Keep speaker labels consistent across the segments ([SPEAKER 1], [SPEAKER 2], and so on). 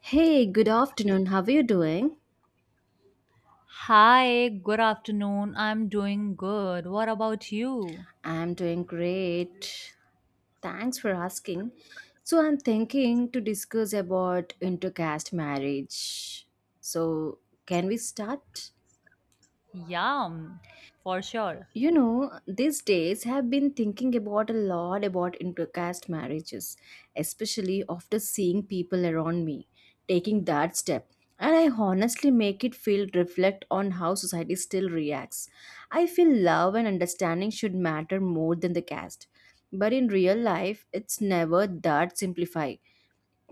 [SPEAKER 1] Hey, good afternoon. How are you doing?
[SPEAKER 2] Hi, good afternoon. I'm doing good. What about you?
[SPEAKER 1] I'm doing great. Thanks for asking. So, I'm thinking to discuss about intercaste marriage. So, can we start?
[SPEAKER 2] Yum, for sure.
[SPEAKER 1] You know, these days I have been thinking about a lot about intercaste marriages, especially after seeing people around me taking that step, and I honestly make it feel reflect on how society still reacts. I feel love and understanding should matter more than the caste, but in real life it's never that simplified.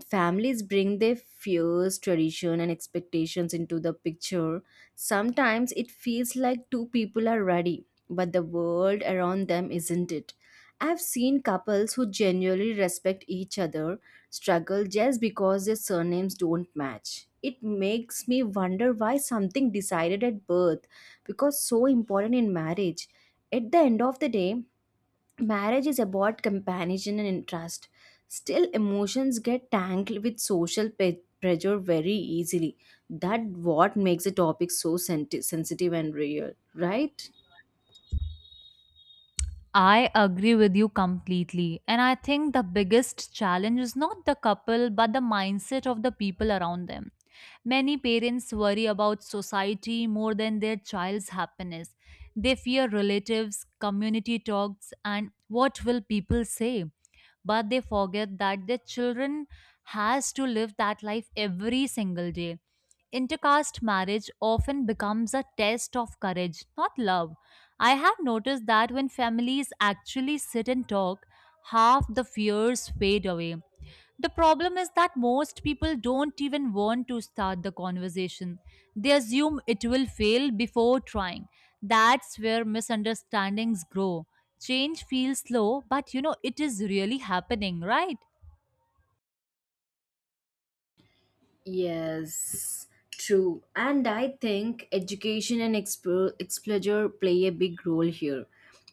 [SPEAKER 1] Families bring their fears, tradition, and expectations into the picture. Sometimes it feels like two people are ready, but the world around them isn't it. I've seen couples who genuinely respect each other struggle just because their surnames don't match. It makes me wonder why something decided at birth because so important in marriage. At the end of the day, marriage is about companionship and trust. Still, emotions get tangled with social pressure very easily. That what makes the topic so sensitive and real, right?
[SPEAKER 2] I agree with you completely. And I think the biggest challenge is not the couple, but the mindset of the people around them. Many parents worry about society more than their child's happiness. They fear relatives, community talks, and what will people say. But they forget that their children has to live that life every single day. Intercaste marriage often becomes a test of courage, not love. I have noticed that when families actually sit and talk, half the fears fade away. The problem is that most people don't even want to start the conversation. They assume it will fail before trying. That's where misunderstandings grow. Change feels slow, but you know it is really happening, right?
[SPEAKER 1] Yes, true. And I think education and exposure play a big role here.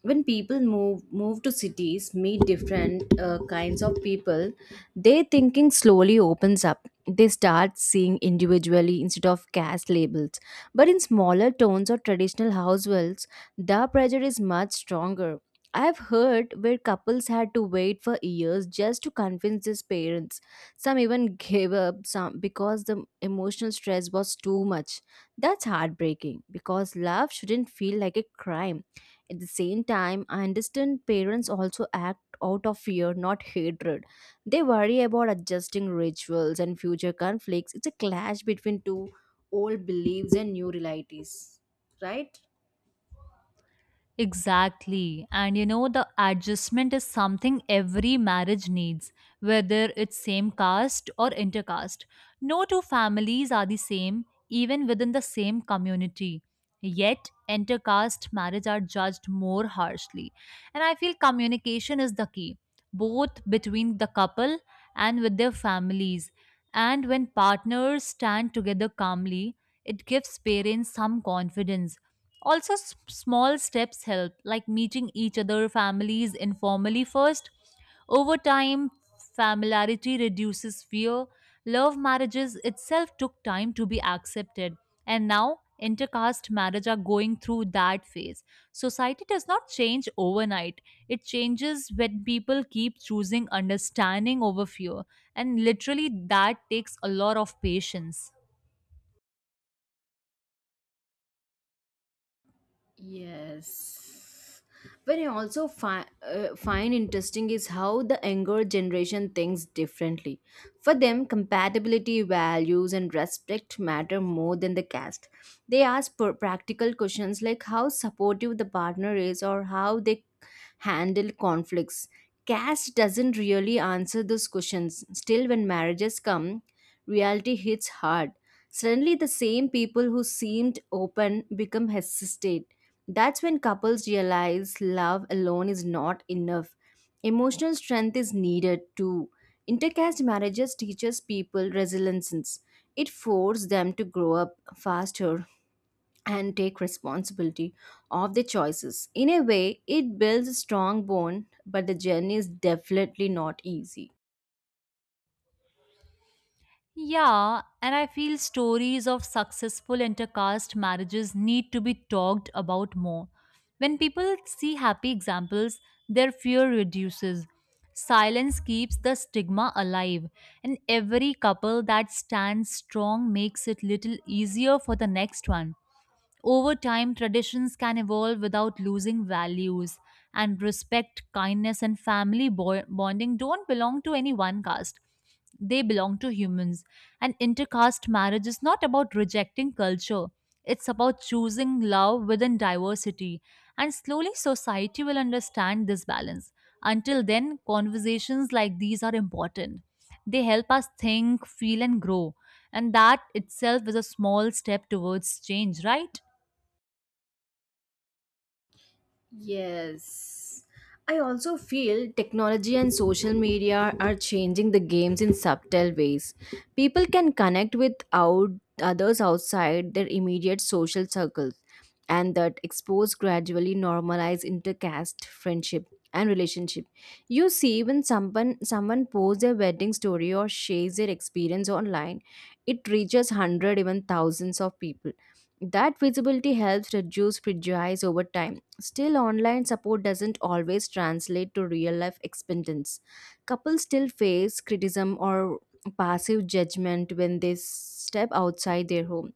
[SPEAKER 1] When people move to cities, meet different kinds of people, their thinking slowly opens up. They start seeing individually instead of caste labels. But in smaller towns or traditional households, the pressure is much stronger. I've heard where couples had to wait for years just to convince their parents. Some even gave up some because the emotional stress was too much. That's heartbreaking because love shouldn't feel like a crime. At the same time, I understand parents also act out of fear, not hatred. They worry about adjusting rituals and future conflicts. It's a clash between two old beliefs and new realities, right?
[SPEAKER 2] Exactly. And you know, the adjustment is something every marriage needs, whether it's same caste or intercaste. No two families are the same, even within the same community. Yet, intercaste marriage are judged more harshly. And I feel communication is the key, both between the couple and with their families. And when partners stand together calmly, it gives parents some confidence also, small steps help, like meeting each other families informally first. Over time, familiarity reduces fear. Love marriages itself took time to be accepted, and now intercaste marriage are going through that phase. Society does not change overnight. It changes when people keep choosing understanding over fear, and literally that takes a lot of patience.
[SPEAKER 1] Yes. But I also find interesting is how the younger generation thinks differently. For them, compatibility, values, and respect matter more than the caste. They ask practical questions like how supportive the partner is or how they handle conflicts. Caste doesn't really answer those questions. Still, when marriages come, reality hits hard. Suddenly, the same people who seemed open become hesitant. That's when couples realize love alone is not enough. Emotional strength is needed too. Intercaste marriages teaches people resilience. It forces them to grow up faster and take responsibility of their choices. In a way, it builds a strong bond, but the journey is definitely not easy.
[SPEAKER 2] Yeah, and I feel stories of successful intercaste marriages need to be talked about more. When people see happy examples, their fear reduces. Silence keeps the stigma alive, and every couple that stands strong makes it little easier for the next one. Over time, traditions can evolve without losing values, and respect, kindness, and family bonding don't belong to any one caste. They belong to humans. And intercaste marriage is not about rejecting culture, it's about choosing love within diversity. And slowly, society will understand this balance. Until then, conversations like these are important. They help us think, feel, and grow. And that itself is a small step towards change, right?
[SPEAKER 1] Yes. I also feel technology and social media are changing the games in subtle ways. People can connect with out others outside their immediate social circles, and that expose gradually normalize intercaste friendship and relationship. You see, when someone posts their wedding story or shares their experience online, it reaches hundred even thousands of people. That visibility helps reduce prejudice over time. Still, online support doesn't always translate to real life experience. Couples still face criticism or passive judgment when they step outside their home,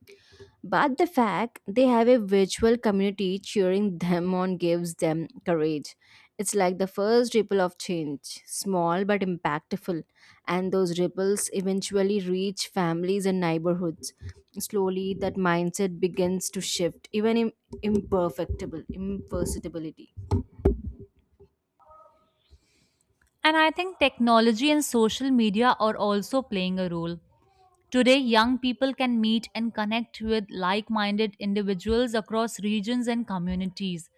[SPEAKER 1] but the fact they have a virtual community cheering them on gives them courage. It's like the first ripple of change, small but impactful, and those ripples eventually reach families and neighborhoods. Slowly, that mindset begins to shift, even imperfectible, imperceptibility.
[SPEAKER 2] And I think technology and social media are also playing a role. Today, young people can meet and connect with like minded individuals across regions and communities.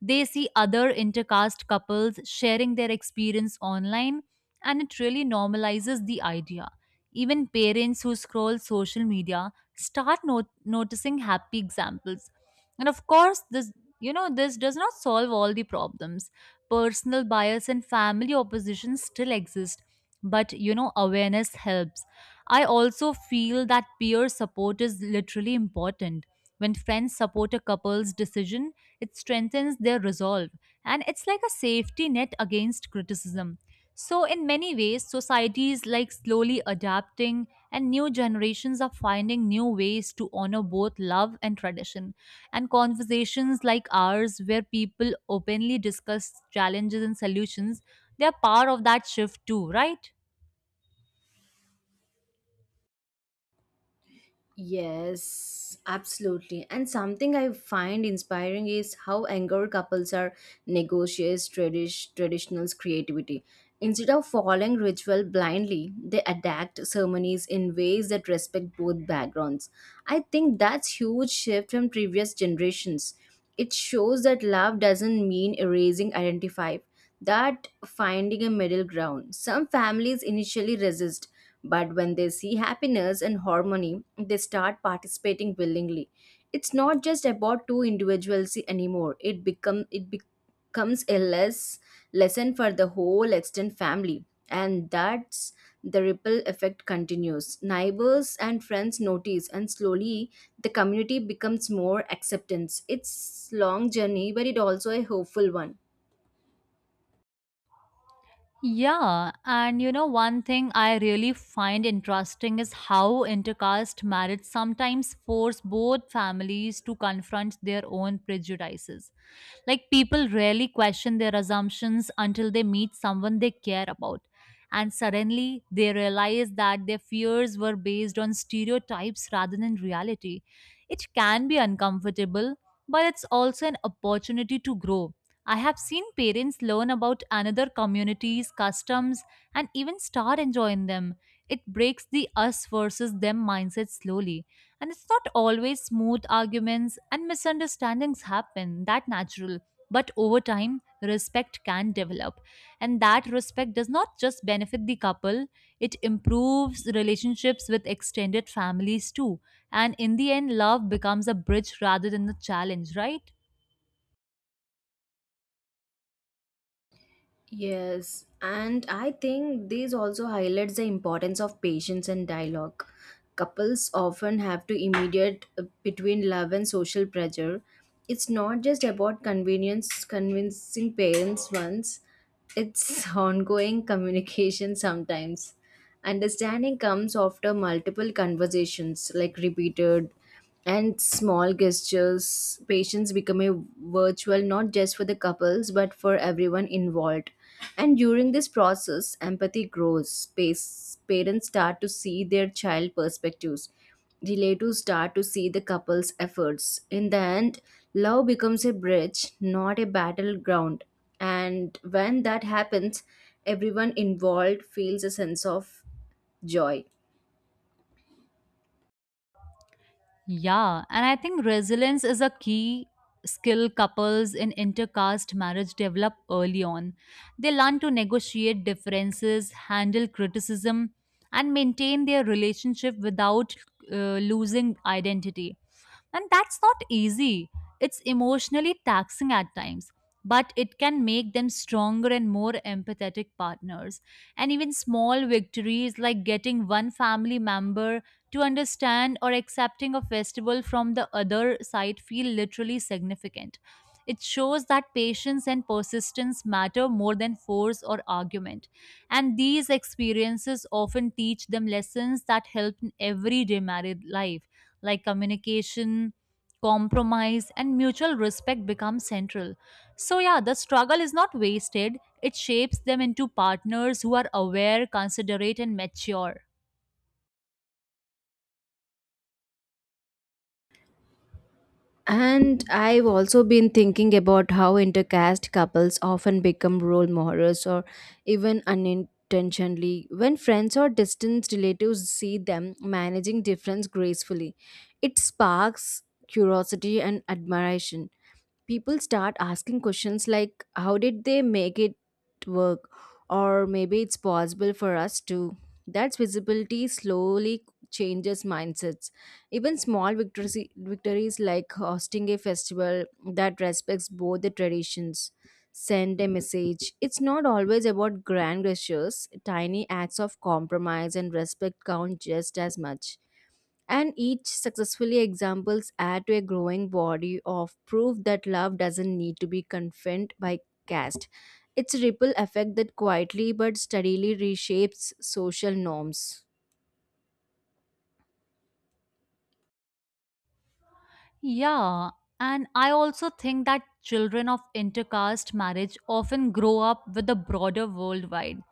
[SPEAKER 2] They see other intercaste couples sharing their experience online, and it really normalizes the idea. Even parents who scroll social media start noticing happy examples. And of course, this you know this does not solve all the problems. Personal bias and family opposition still exist, but you know awareness helps. I also feel that peer support is literally important. When friends support a couple's decision, it strengthens their resolve and it's like a safety net against criticism. So, in many ways, society is like slowly adapting, and new generations are finding new ways to honor both love and tradition. And conversations like ours, where people openly discuss challenges and solutions, they are part of that shift too, right?
[SPEAKER 1] Yes, absolutely. And something I find inspiring is how younger couples are negotiates traditional's creativity. Instead of following ritual blindly, they adapt ceremonies in ways that respect both backgrounds. I think that's huge shift from previous generations. It shows that love doesn't mean erasing identify, that finding a middle ground. Some families initially resist, but when they see happiness and harmony, they start participating willingly. It's not just about two individuals anymore. It becomes a lesson for the whole extended family, and that's the ripple effect continues. Neighbors and friends notice, and slowly the community becomes more acceptance. It's long journey, but it also a hopeful one.
[SPEAKER 2] Yeah, and you know, one thing I really find interesting is how intercaste marriage sometimes force both families to confront their own prejudices. Like, people rarely question their assumptions until they meet someone they care about. And suddenly, they realize that their fears were based on stereotypes rather than reality. It can be uncomfortable, but it's also an opportunity to grow. I have seen parents learn about another community's customs and even start enjoying them. It breaks the us versus them mindset slowly. And it's not always smooth arguments and misunderstandings happen, that natural. But over time, respect can develop. And that respect does not just benefit the couple, it improves relationships with extended families too. And in the end, love becomes a bridge rather than a challenge, right?
[SPEAKER 1] Yes, and I think this also highlights the importance of patience and dialogue. Couples often have to mediate between love and social pressure. It's not just about convenience convincing parents once, it's ongoing communication sometimes. Understanding comes after multiple conversations, like repeated and small gestures patience become a virtual not just for the couples but for everyone involved. And during this process empathy grows. Parents start to see their child perspectives. Relatives start to see the couple's efforts. In the end, love becomes a bridge, not a battleground. And when that happens, everyone involved feels a sense of joy.
[SPEAKER 2] Yeah, and I think resilience is a key skill couples in intercaste marriage develop early on. They learn to negotiate differences, handle criticism, and maintain their relationship without losing identity. And that's not easy. It's emotionally taxing at times, but it can make them stronger and more empathetic partners. And even small victories like getting one family member to understand or accepting a festival from the other side feel literally significant. It shows that patience and persistence matter more than force or argument. And these experiences often teach them lessons that help in everyday married life like communication, compromise, and mutual respect become central. So, yeah, the struggle is not wasted, it shapes them into partners who are aware, considerate, and mature.
[SPEAKER 1] And I've also been thinking about how intercaste couples often become role models, or even unintentionally when friends or distant relatives see them managing difference gracefully. It sparks curiosity and admiration. People start asking questions like, "How did they make it work?" Or maybe it's possible for us too. That visibility slowly changes mindsets. Even small victories like hosting a festival that respects both the traditions send a message. It's not always about grand gestures, tiny acts of compromise and respect count just as much. And each successfully examples add to a growing body of proof that love doesn't need to be confined by caste. It's a ripple effect that quietly but steadily reshapes social norms.
[SPEAKER 2] Yeah, and I also think that children of intercaste marriage often grow up with the broader worldwide.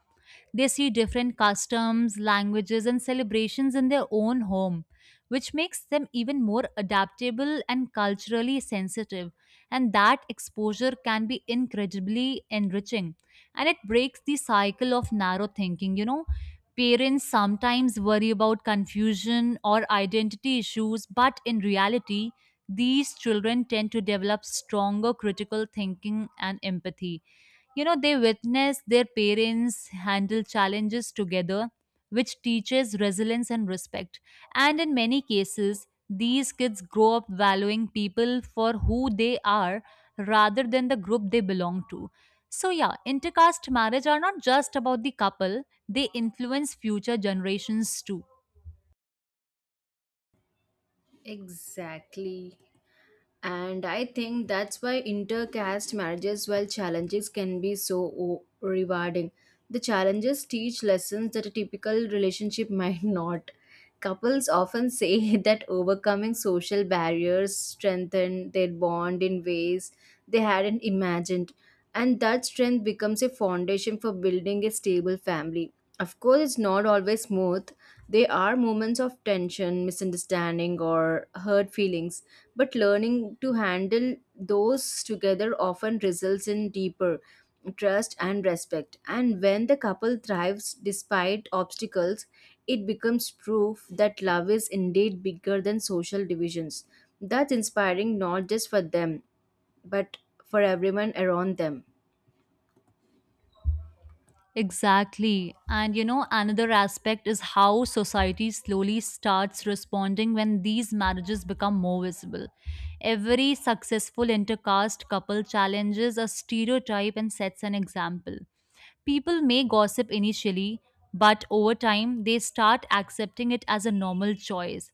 [SPEAKER 2] They see different customs, languages, and celebrations in their own home, which makes them even more adaptable and culturally sensitive. And that exposure can be incredibly enriching. And it breaks the cycle of narrow thinking, you know. Parents sometimes worry about confusion or identity issues, but in reality, these children tend to develop stronger critical thinking and empathy. You know, they witness their parents handle challenges together, which teaches resilience and respect. And in many cases, these kids grow up valuing people for who they are rather than the group they belong to. So, yeah, intercaste marriage are not just about the couple, they influence future generations too.
[SPEAKER 1] Exactly. And I think that's why intercaste marriages, while challenges, can be so rewarding. The challenges teach lessons that a typical relationship might not. Couples often say that overcoming social barriers strengthen their bond in ways they hadn't imagined, and that strength becomes a foundation for building a stable family. Of course, it's not always smooth. There are moments of tension, misunderstanding, or hurt feelings, but learning to handle those together often results in deeper trust and respect. And when the couple thrives despite obstacles, it becomes proof that love is indeed bigger than social divisions. That's inspiring not just for them, but for everyone around them.
[SPEAKER 2] Exactly. And you know, another aspect is how society slowly starts responding when these marriages become more visible. Every successful intercaste couple challenges a stereotype and sets an example. People may gossip initially, but over time they start accepting it as a normal choice.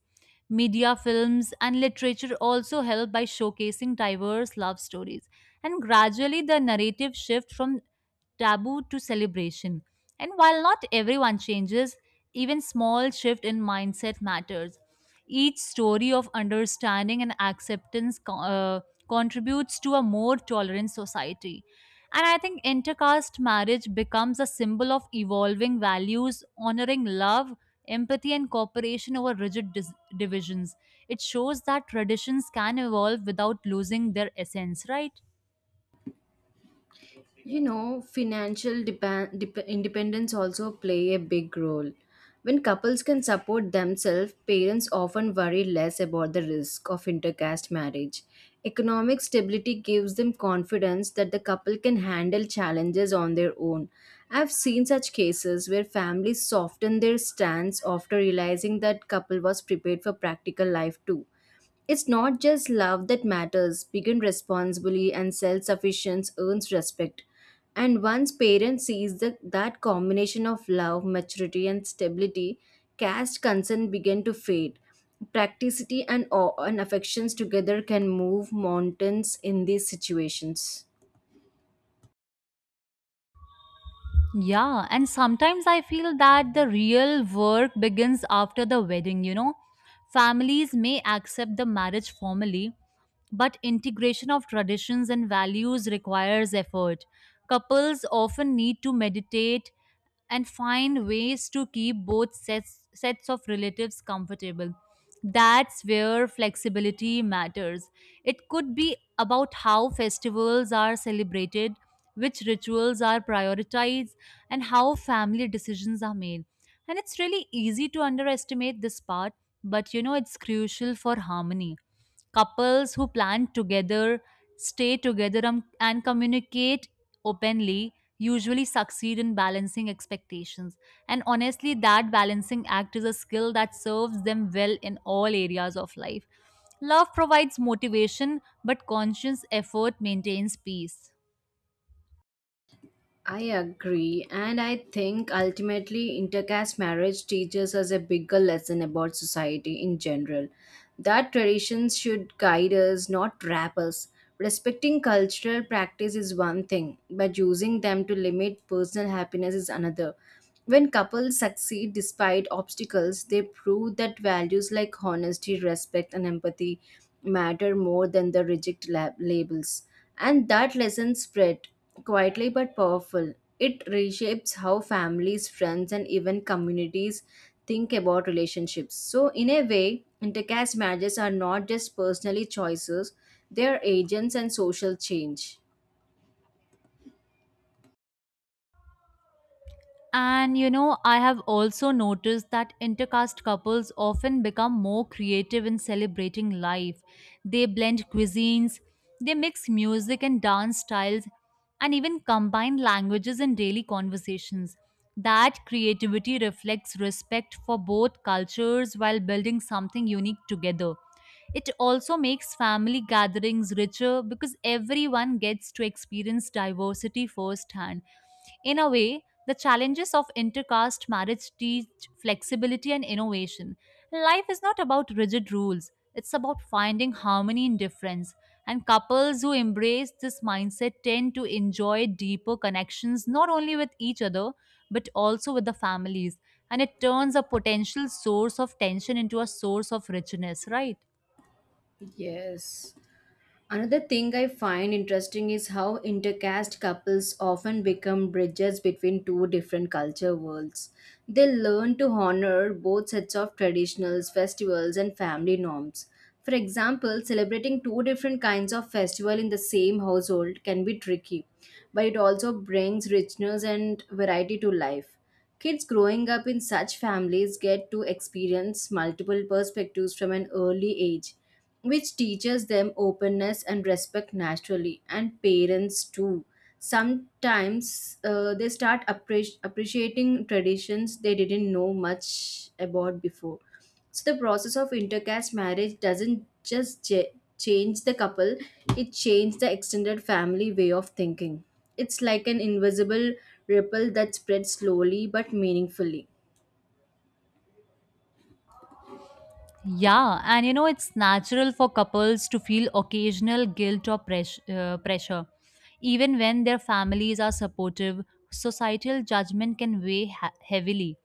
[SPEAKER 2] Media, films, and literature also help by showcasing diverse love stories. And gradually the narrative shifts from taboo to celebration. And while not everyone changes, even small shift in mindset matters. Each story of understanding and acceptance contributes to a more tolerant society. And I think intercaste marriage becomes a symbol of evolving values, honoring love, empathy, and cooperation over rigid divisions. It shows that traditions can evolve without losing their essence, right?
[SPEAKER 1] You know, financial independence also play a big role. When couples can support themselves, parents often worry less about the risk of intercaste marriage. Economic stability gives them confidence that the couple can handle challenges on their own. I've seen such cases where families soften their stance after realizing that couple was prepared for practical life too. It's not just love that matters. Begin responsibly and self sufficiency earns respect. And once parents sees that, that combination of love, maturity, and stability, caste concern begin to fade. Practicity and awe and affections together can move mountains in these situations.
[SPEAKER 2] Yeah, and sometimes I feel that the real work begins after the wedding, you know. Families may accept the marriage formally, but integration of traditions and values requires effort. Couples often need to meditate and find ways to keep both sets of relatives comfortable. That's where flexibility matters. It could be about how festivals are celebrated, which rituals are prioritized, and how family decisions are made. And it's really easy to underestimate this part, but you know, it's crucial for harmony. Couples who plan together, stay together, and communicate openly usually succeed in balancing expectations. And honestly, that balancing act is a skill that serves them well in all areas of life. Love provides motivation, but conscious effort maintains peace.
[SPEAKER 1] I agree, and I think ultimately intercaste marriage teaches us a bigger lesson about society in general. That traditions should guide us, not trap us. Respecting cultural practice is one thing, but using them to limit personal happiness is another. When couples succeed despite obstacles, they prove that values like honesty, respect, and empathy matter more than the rigid labels. And that lesson spread quietly but powerful. It reshapes how families, friends, and even communities think about relationships. So, in a way, intercaste marriages are not just personally choices, they are agents and social change.
[SPEAKER 2] And you know, I have also noticed that intercaste couples often become more creative in celebrating life. They blend cuisines, they mix music and dance styles, and even combine languages in daily conversations. That creativity reflects respect for both cultures while building something unique together. It also makes family gatherings richer because everyone gets to experience diversity firsthand. In a way, the challenges of intercaste marriage teach flexibility and innovation. Life is not about rigid rules, it's about finding harmony in difference. And couples who embrace this mindset tend to enjoy deeper connections not only with each other but also with the families. And it turns a potential source of tension into a source of richness, right?
[SPEAKER 1] Yes. Another thing I find interesting is how intercaste couples often become bridges between two different culture worlds. They learn to honor both sets of traditionals, festivals, and family norms. For example, celebrating two different kinds of festival in the same household can be tricky, but it also brings richness and variety to life. Kids growing up in such families get to experience multiple perspectives from an early age, which teaches them openness and respect naturally, and parents too. Sometimes they start appreciating traditions they didn't know much about before. So, the process of intercaste marriage doesn't just change the couple, it changed the extended family way of thinking. It's like an invisible ripple that spreads slowly but meaningfully.
[SPEAKER 2] Yeah, and you know, it's natural for couples to feel occasional guilt or pressure. Even when their families are supportive, societal judgment can weigh heavily.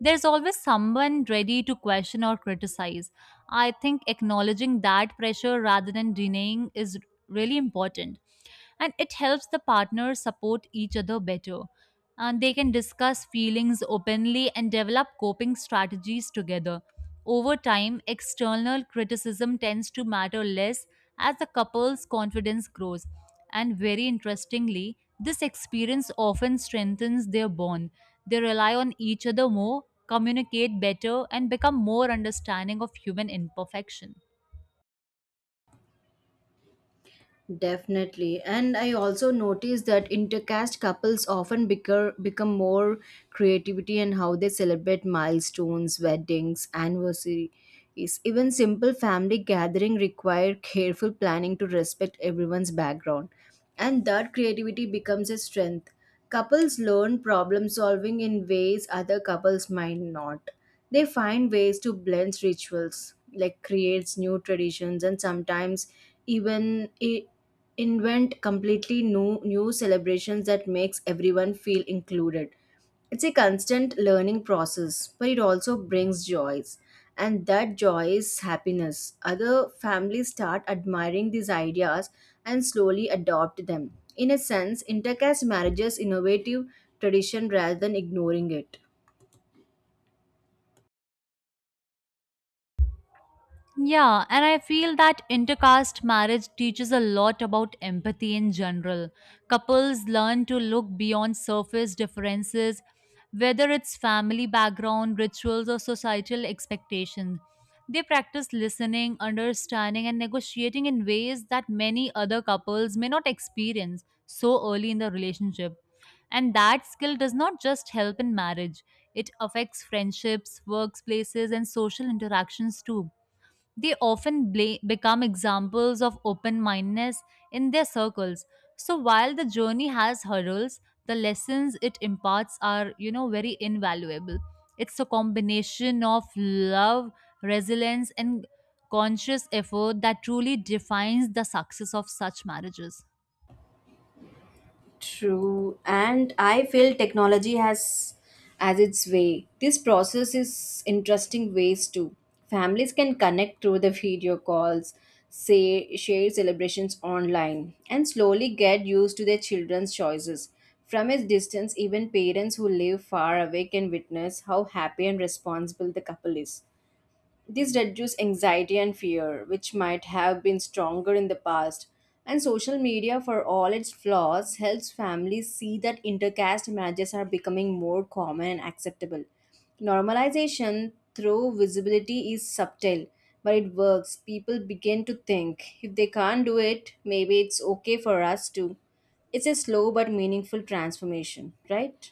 [SPEAKER 2] There's always someone ready to question or criticize. I think acknowledging that pressure rather than denying is really important and it helps the partners support each other better and they can discuss feelings openly and develop coping strategies together over time external criticism tends to matter less as the couple's confidence grows and very interestingly this experience often strengthens their bond. They rely on each other more communicate better and become more understanding of human imperfection.
[SPEAKER 1] Definitely. And I also noticed that intercaste couples often become more creativity in how they celebrate milestones, weddings, anniversaries. Even simple family gathering require careful planning to respect everyone's background. And that creativity becomes a strength. Couples learn problem solving in ways other couples might not. They find ways to blend rituals, like creates new traditions and sometimes even i- invent completely new celebrations that makes everyone feel included. It's a constant learning process, but it also brings joys. And that joy is happiness. Other families start admiring these ideas and slowly adopt them. In a sense, intercaste marriages innovative tradition rather than ignoring it.
[SPEAKER 2] Yeah, and I feel that intercaste marriage teaches a lot about empathy in general. Couples learn to look beyond surface differences, whether it's family background, rituals, or societal expectations. They practice listening, understanding, and negotiating in ways that many other couples may not experience so early in the relationship. And that skill does not just help in marriage, it affects friendships, workplaces, and social interactions too. They often become examples of open mindedness in their circles. So while the journey has hurdles, the lessons it imparts are, you know, very invaluable. It's a combination of love, resilience, and conscious effort that truly defines the success of such marriages.
[SPEAKER 1] True, and I feel technology has as its way. This process is interesting ways too. Families can connect through the video calls, say share celebrations online, and slowly get used to their children's choices. From a distance, even parents who live far away can witness how happy and responsible the couple is. This reduces anxiety and fear, which might have been stronger in the past. And social media, for all its flaws, helps families see that intercaste marriages are becoming more common and acceptable. Normalization through visibility is subtle, but it works. People begin to think if they can't do it, maybe it's okay for us too. It's a slow but meaningful transformation, right?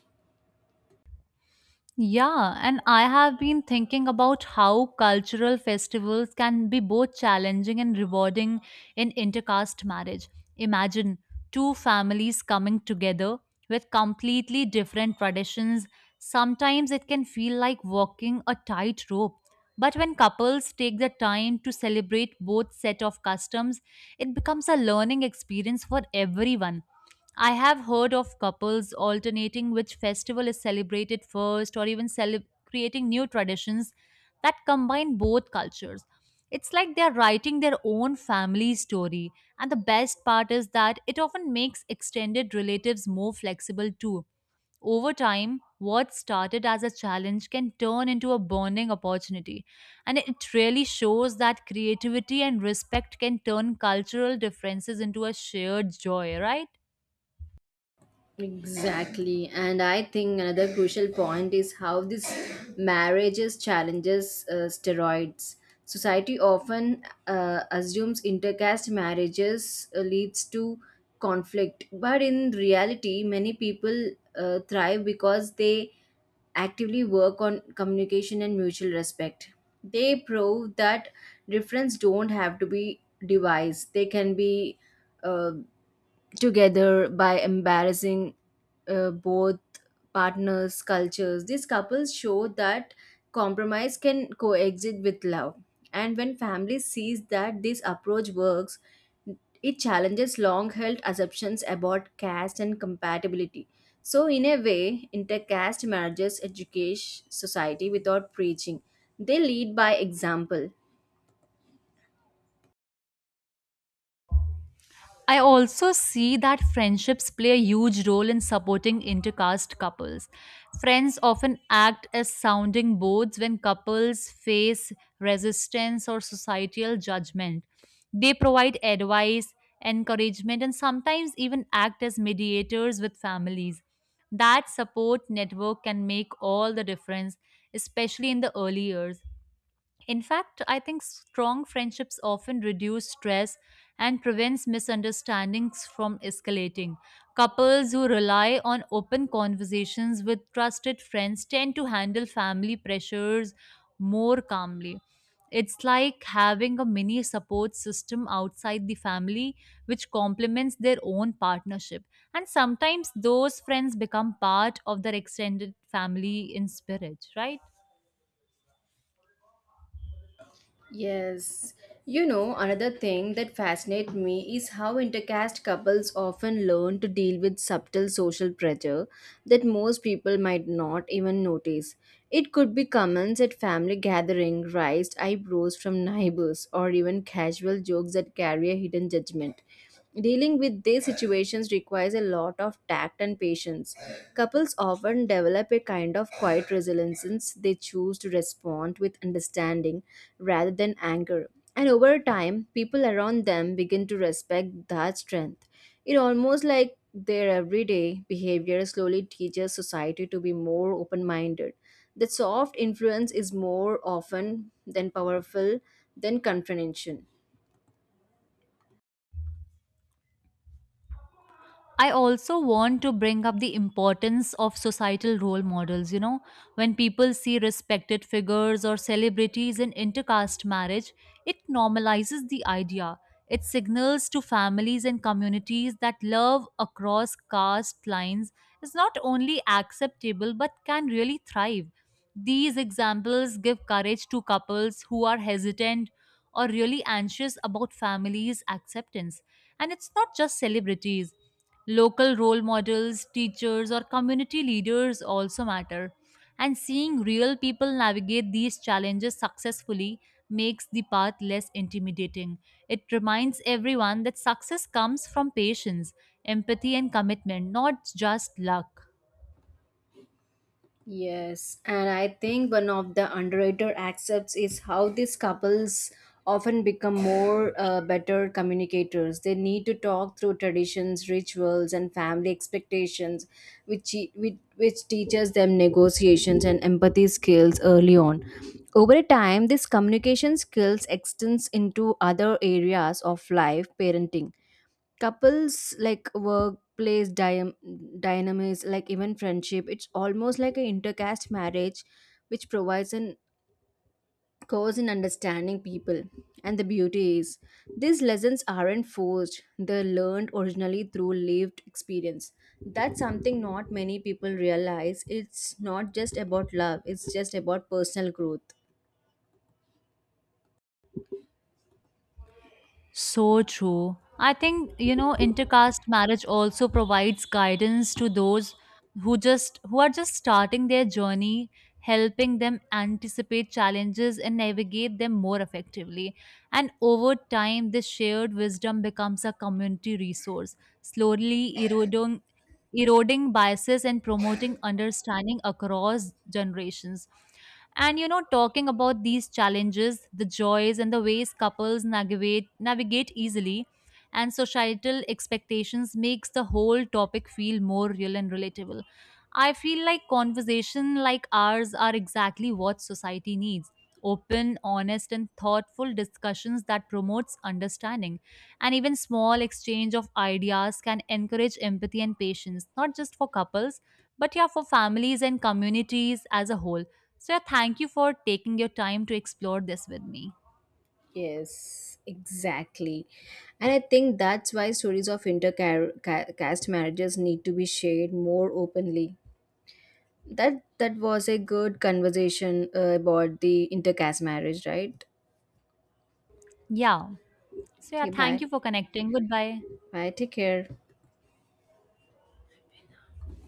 [SPEAKER 2] Yeah, and I have been thinking about how cultural festivals can be both challenging and rewarding in intercaste marriage. Imagine two families coming together with completely different traditions. Sometimes it can feel like walking a tightrope. But when couples take the time to celebrate both set of customs, it becomes a learning experience for everyone. I have heard of couples alternating which festival is celebrated first or even creating new traditions that combine both cultures. It's like they're writing their own family story, and the best part is that it often makes extended relatives more flexible too. Over time, what started as a challenge can turn into a bonding opportunity, and it really shows that creativity and respect can turn cultural differences into a shared joy, right?
[SPEAKER 1] Exactly. And I think another crucial point is how this marriages challenges steroids. Society often assumes intercaste marriages leads to conflict, but in reality, many people thrive because they actively work on communication and mutual respect. They prove that difference don't have to be devised. They can be uh, together by embarrassing both partners' cultures. These couples show that compromise can coexist with love. And when family sees that this approach works, it challenges long held assumptions about caste and compatibility. So, in a way, intercaste marriages educate society without preaching. They lead by example.
[SPEAKER 2] I also see that friendships play a huge role in supporting intercaste couples. Friends often act as sounding boards when couples face resistance or societal judgment. They provide advice, encouragement, and sometimes even act as mediators with families. That support network can make all the difference, especially in the early years. In fact, I think strong friendships often reduce stress and prevents misunderstandings from escalating. Couples who rely on open conversations with trusted friends tend to handle family pressures more calmly. It's like having a mini support system outside the family which complements their own partnership. And sometimes those friends become part of their extended family in spirit, right?
[SPEAKER 1] Yes. You know, another thing that fascinates me is how intercaste couples often learn to deal with subtle social pressure that most people might not even notice. It could be comments at family gathering, raised eyebrows from neighbors, or even casual jokes that carry a hidden judgment. Dealing with these situations requires a lot of tact and patience. Couples often develop a kind of quiet resilience since they choose to respond with understanding rather than anger. And over time, people around them begin to respect that strength. It almost like their everyday behavior slowly teaches society to be more open minded. The soft influence is more often than powerful than confrontation.
[SPEAKER 2] I also want to bring up the importance of societal role models. You know, when people see respected figures or celebrities in intercaste marriage, it normalizes the idea. It signals to families and communities that love across caste lines is not only acceptable but can really thrive. These examples give courage to couples who are hesitant or really anxious about families' acceptance. And it's not just celebrities. Local role models, teachers, or community leaders also matter. And seeing real people navigate these challenges successfully makes the path less intimidating. It reminds everyone that success comes from patience, empathy, and commitment, not just luck.
[SPEAKER 1] Yes, and I think one of the underrated aspects is how these couples often become more better communicators. They need to talk through traditions, rituals, and family expectations, which teaches them negotiations and empathy skills early on. Over time, these communication skills extends into other areas of life, parenting couples like workplace dynamics like even friendship. It's almost like an intercaste marriage which provides an course in understanding people. And the beauty is these lessons aren't forced, they're learned originally through lived experience. That's something not many people realize. It's not just about love, it's just about personal growth.
[SPEAKER 2] So true. I think, you know, intercaste marriage also provides guidance to those who are just starting their journey, helping them anticipate challenges and navigate them more effectively. And over time, this shared wisdom becomes a community resource, slowly eroding biases and promoting understanding across generations. And you know, talking about these challenges, the joys and the ways couples navigate easily and societal expectations makes the whole topic feel more real and relatable. I feel like conversation like ours are exactly what society needs. Open, honest and thoughtful discussions that promotes understanding and even small exchange of ideas can encourage empathy and patience, not just for couples, but yeah, for families and communities as a whole. So yeah, thank you for taking your time to explore this with me.
[SPEAKER 1] Yes, exactly. And I think that's why stories of intercaste marriages need to be shared more openly. That that was a good conversation about the intercaste marriage, right?
[SPEAKER 2] Yeah. So yeah,
[SPEAKER 1] Okay,
[SPEAKER 2] thank
[SPEAKER 1] bye.
[SPEAKER 2] you for connecting. Goodbye.
[SPEAKER 1] Bye, take care.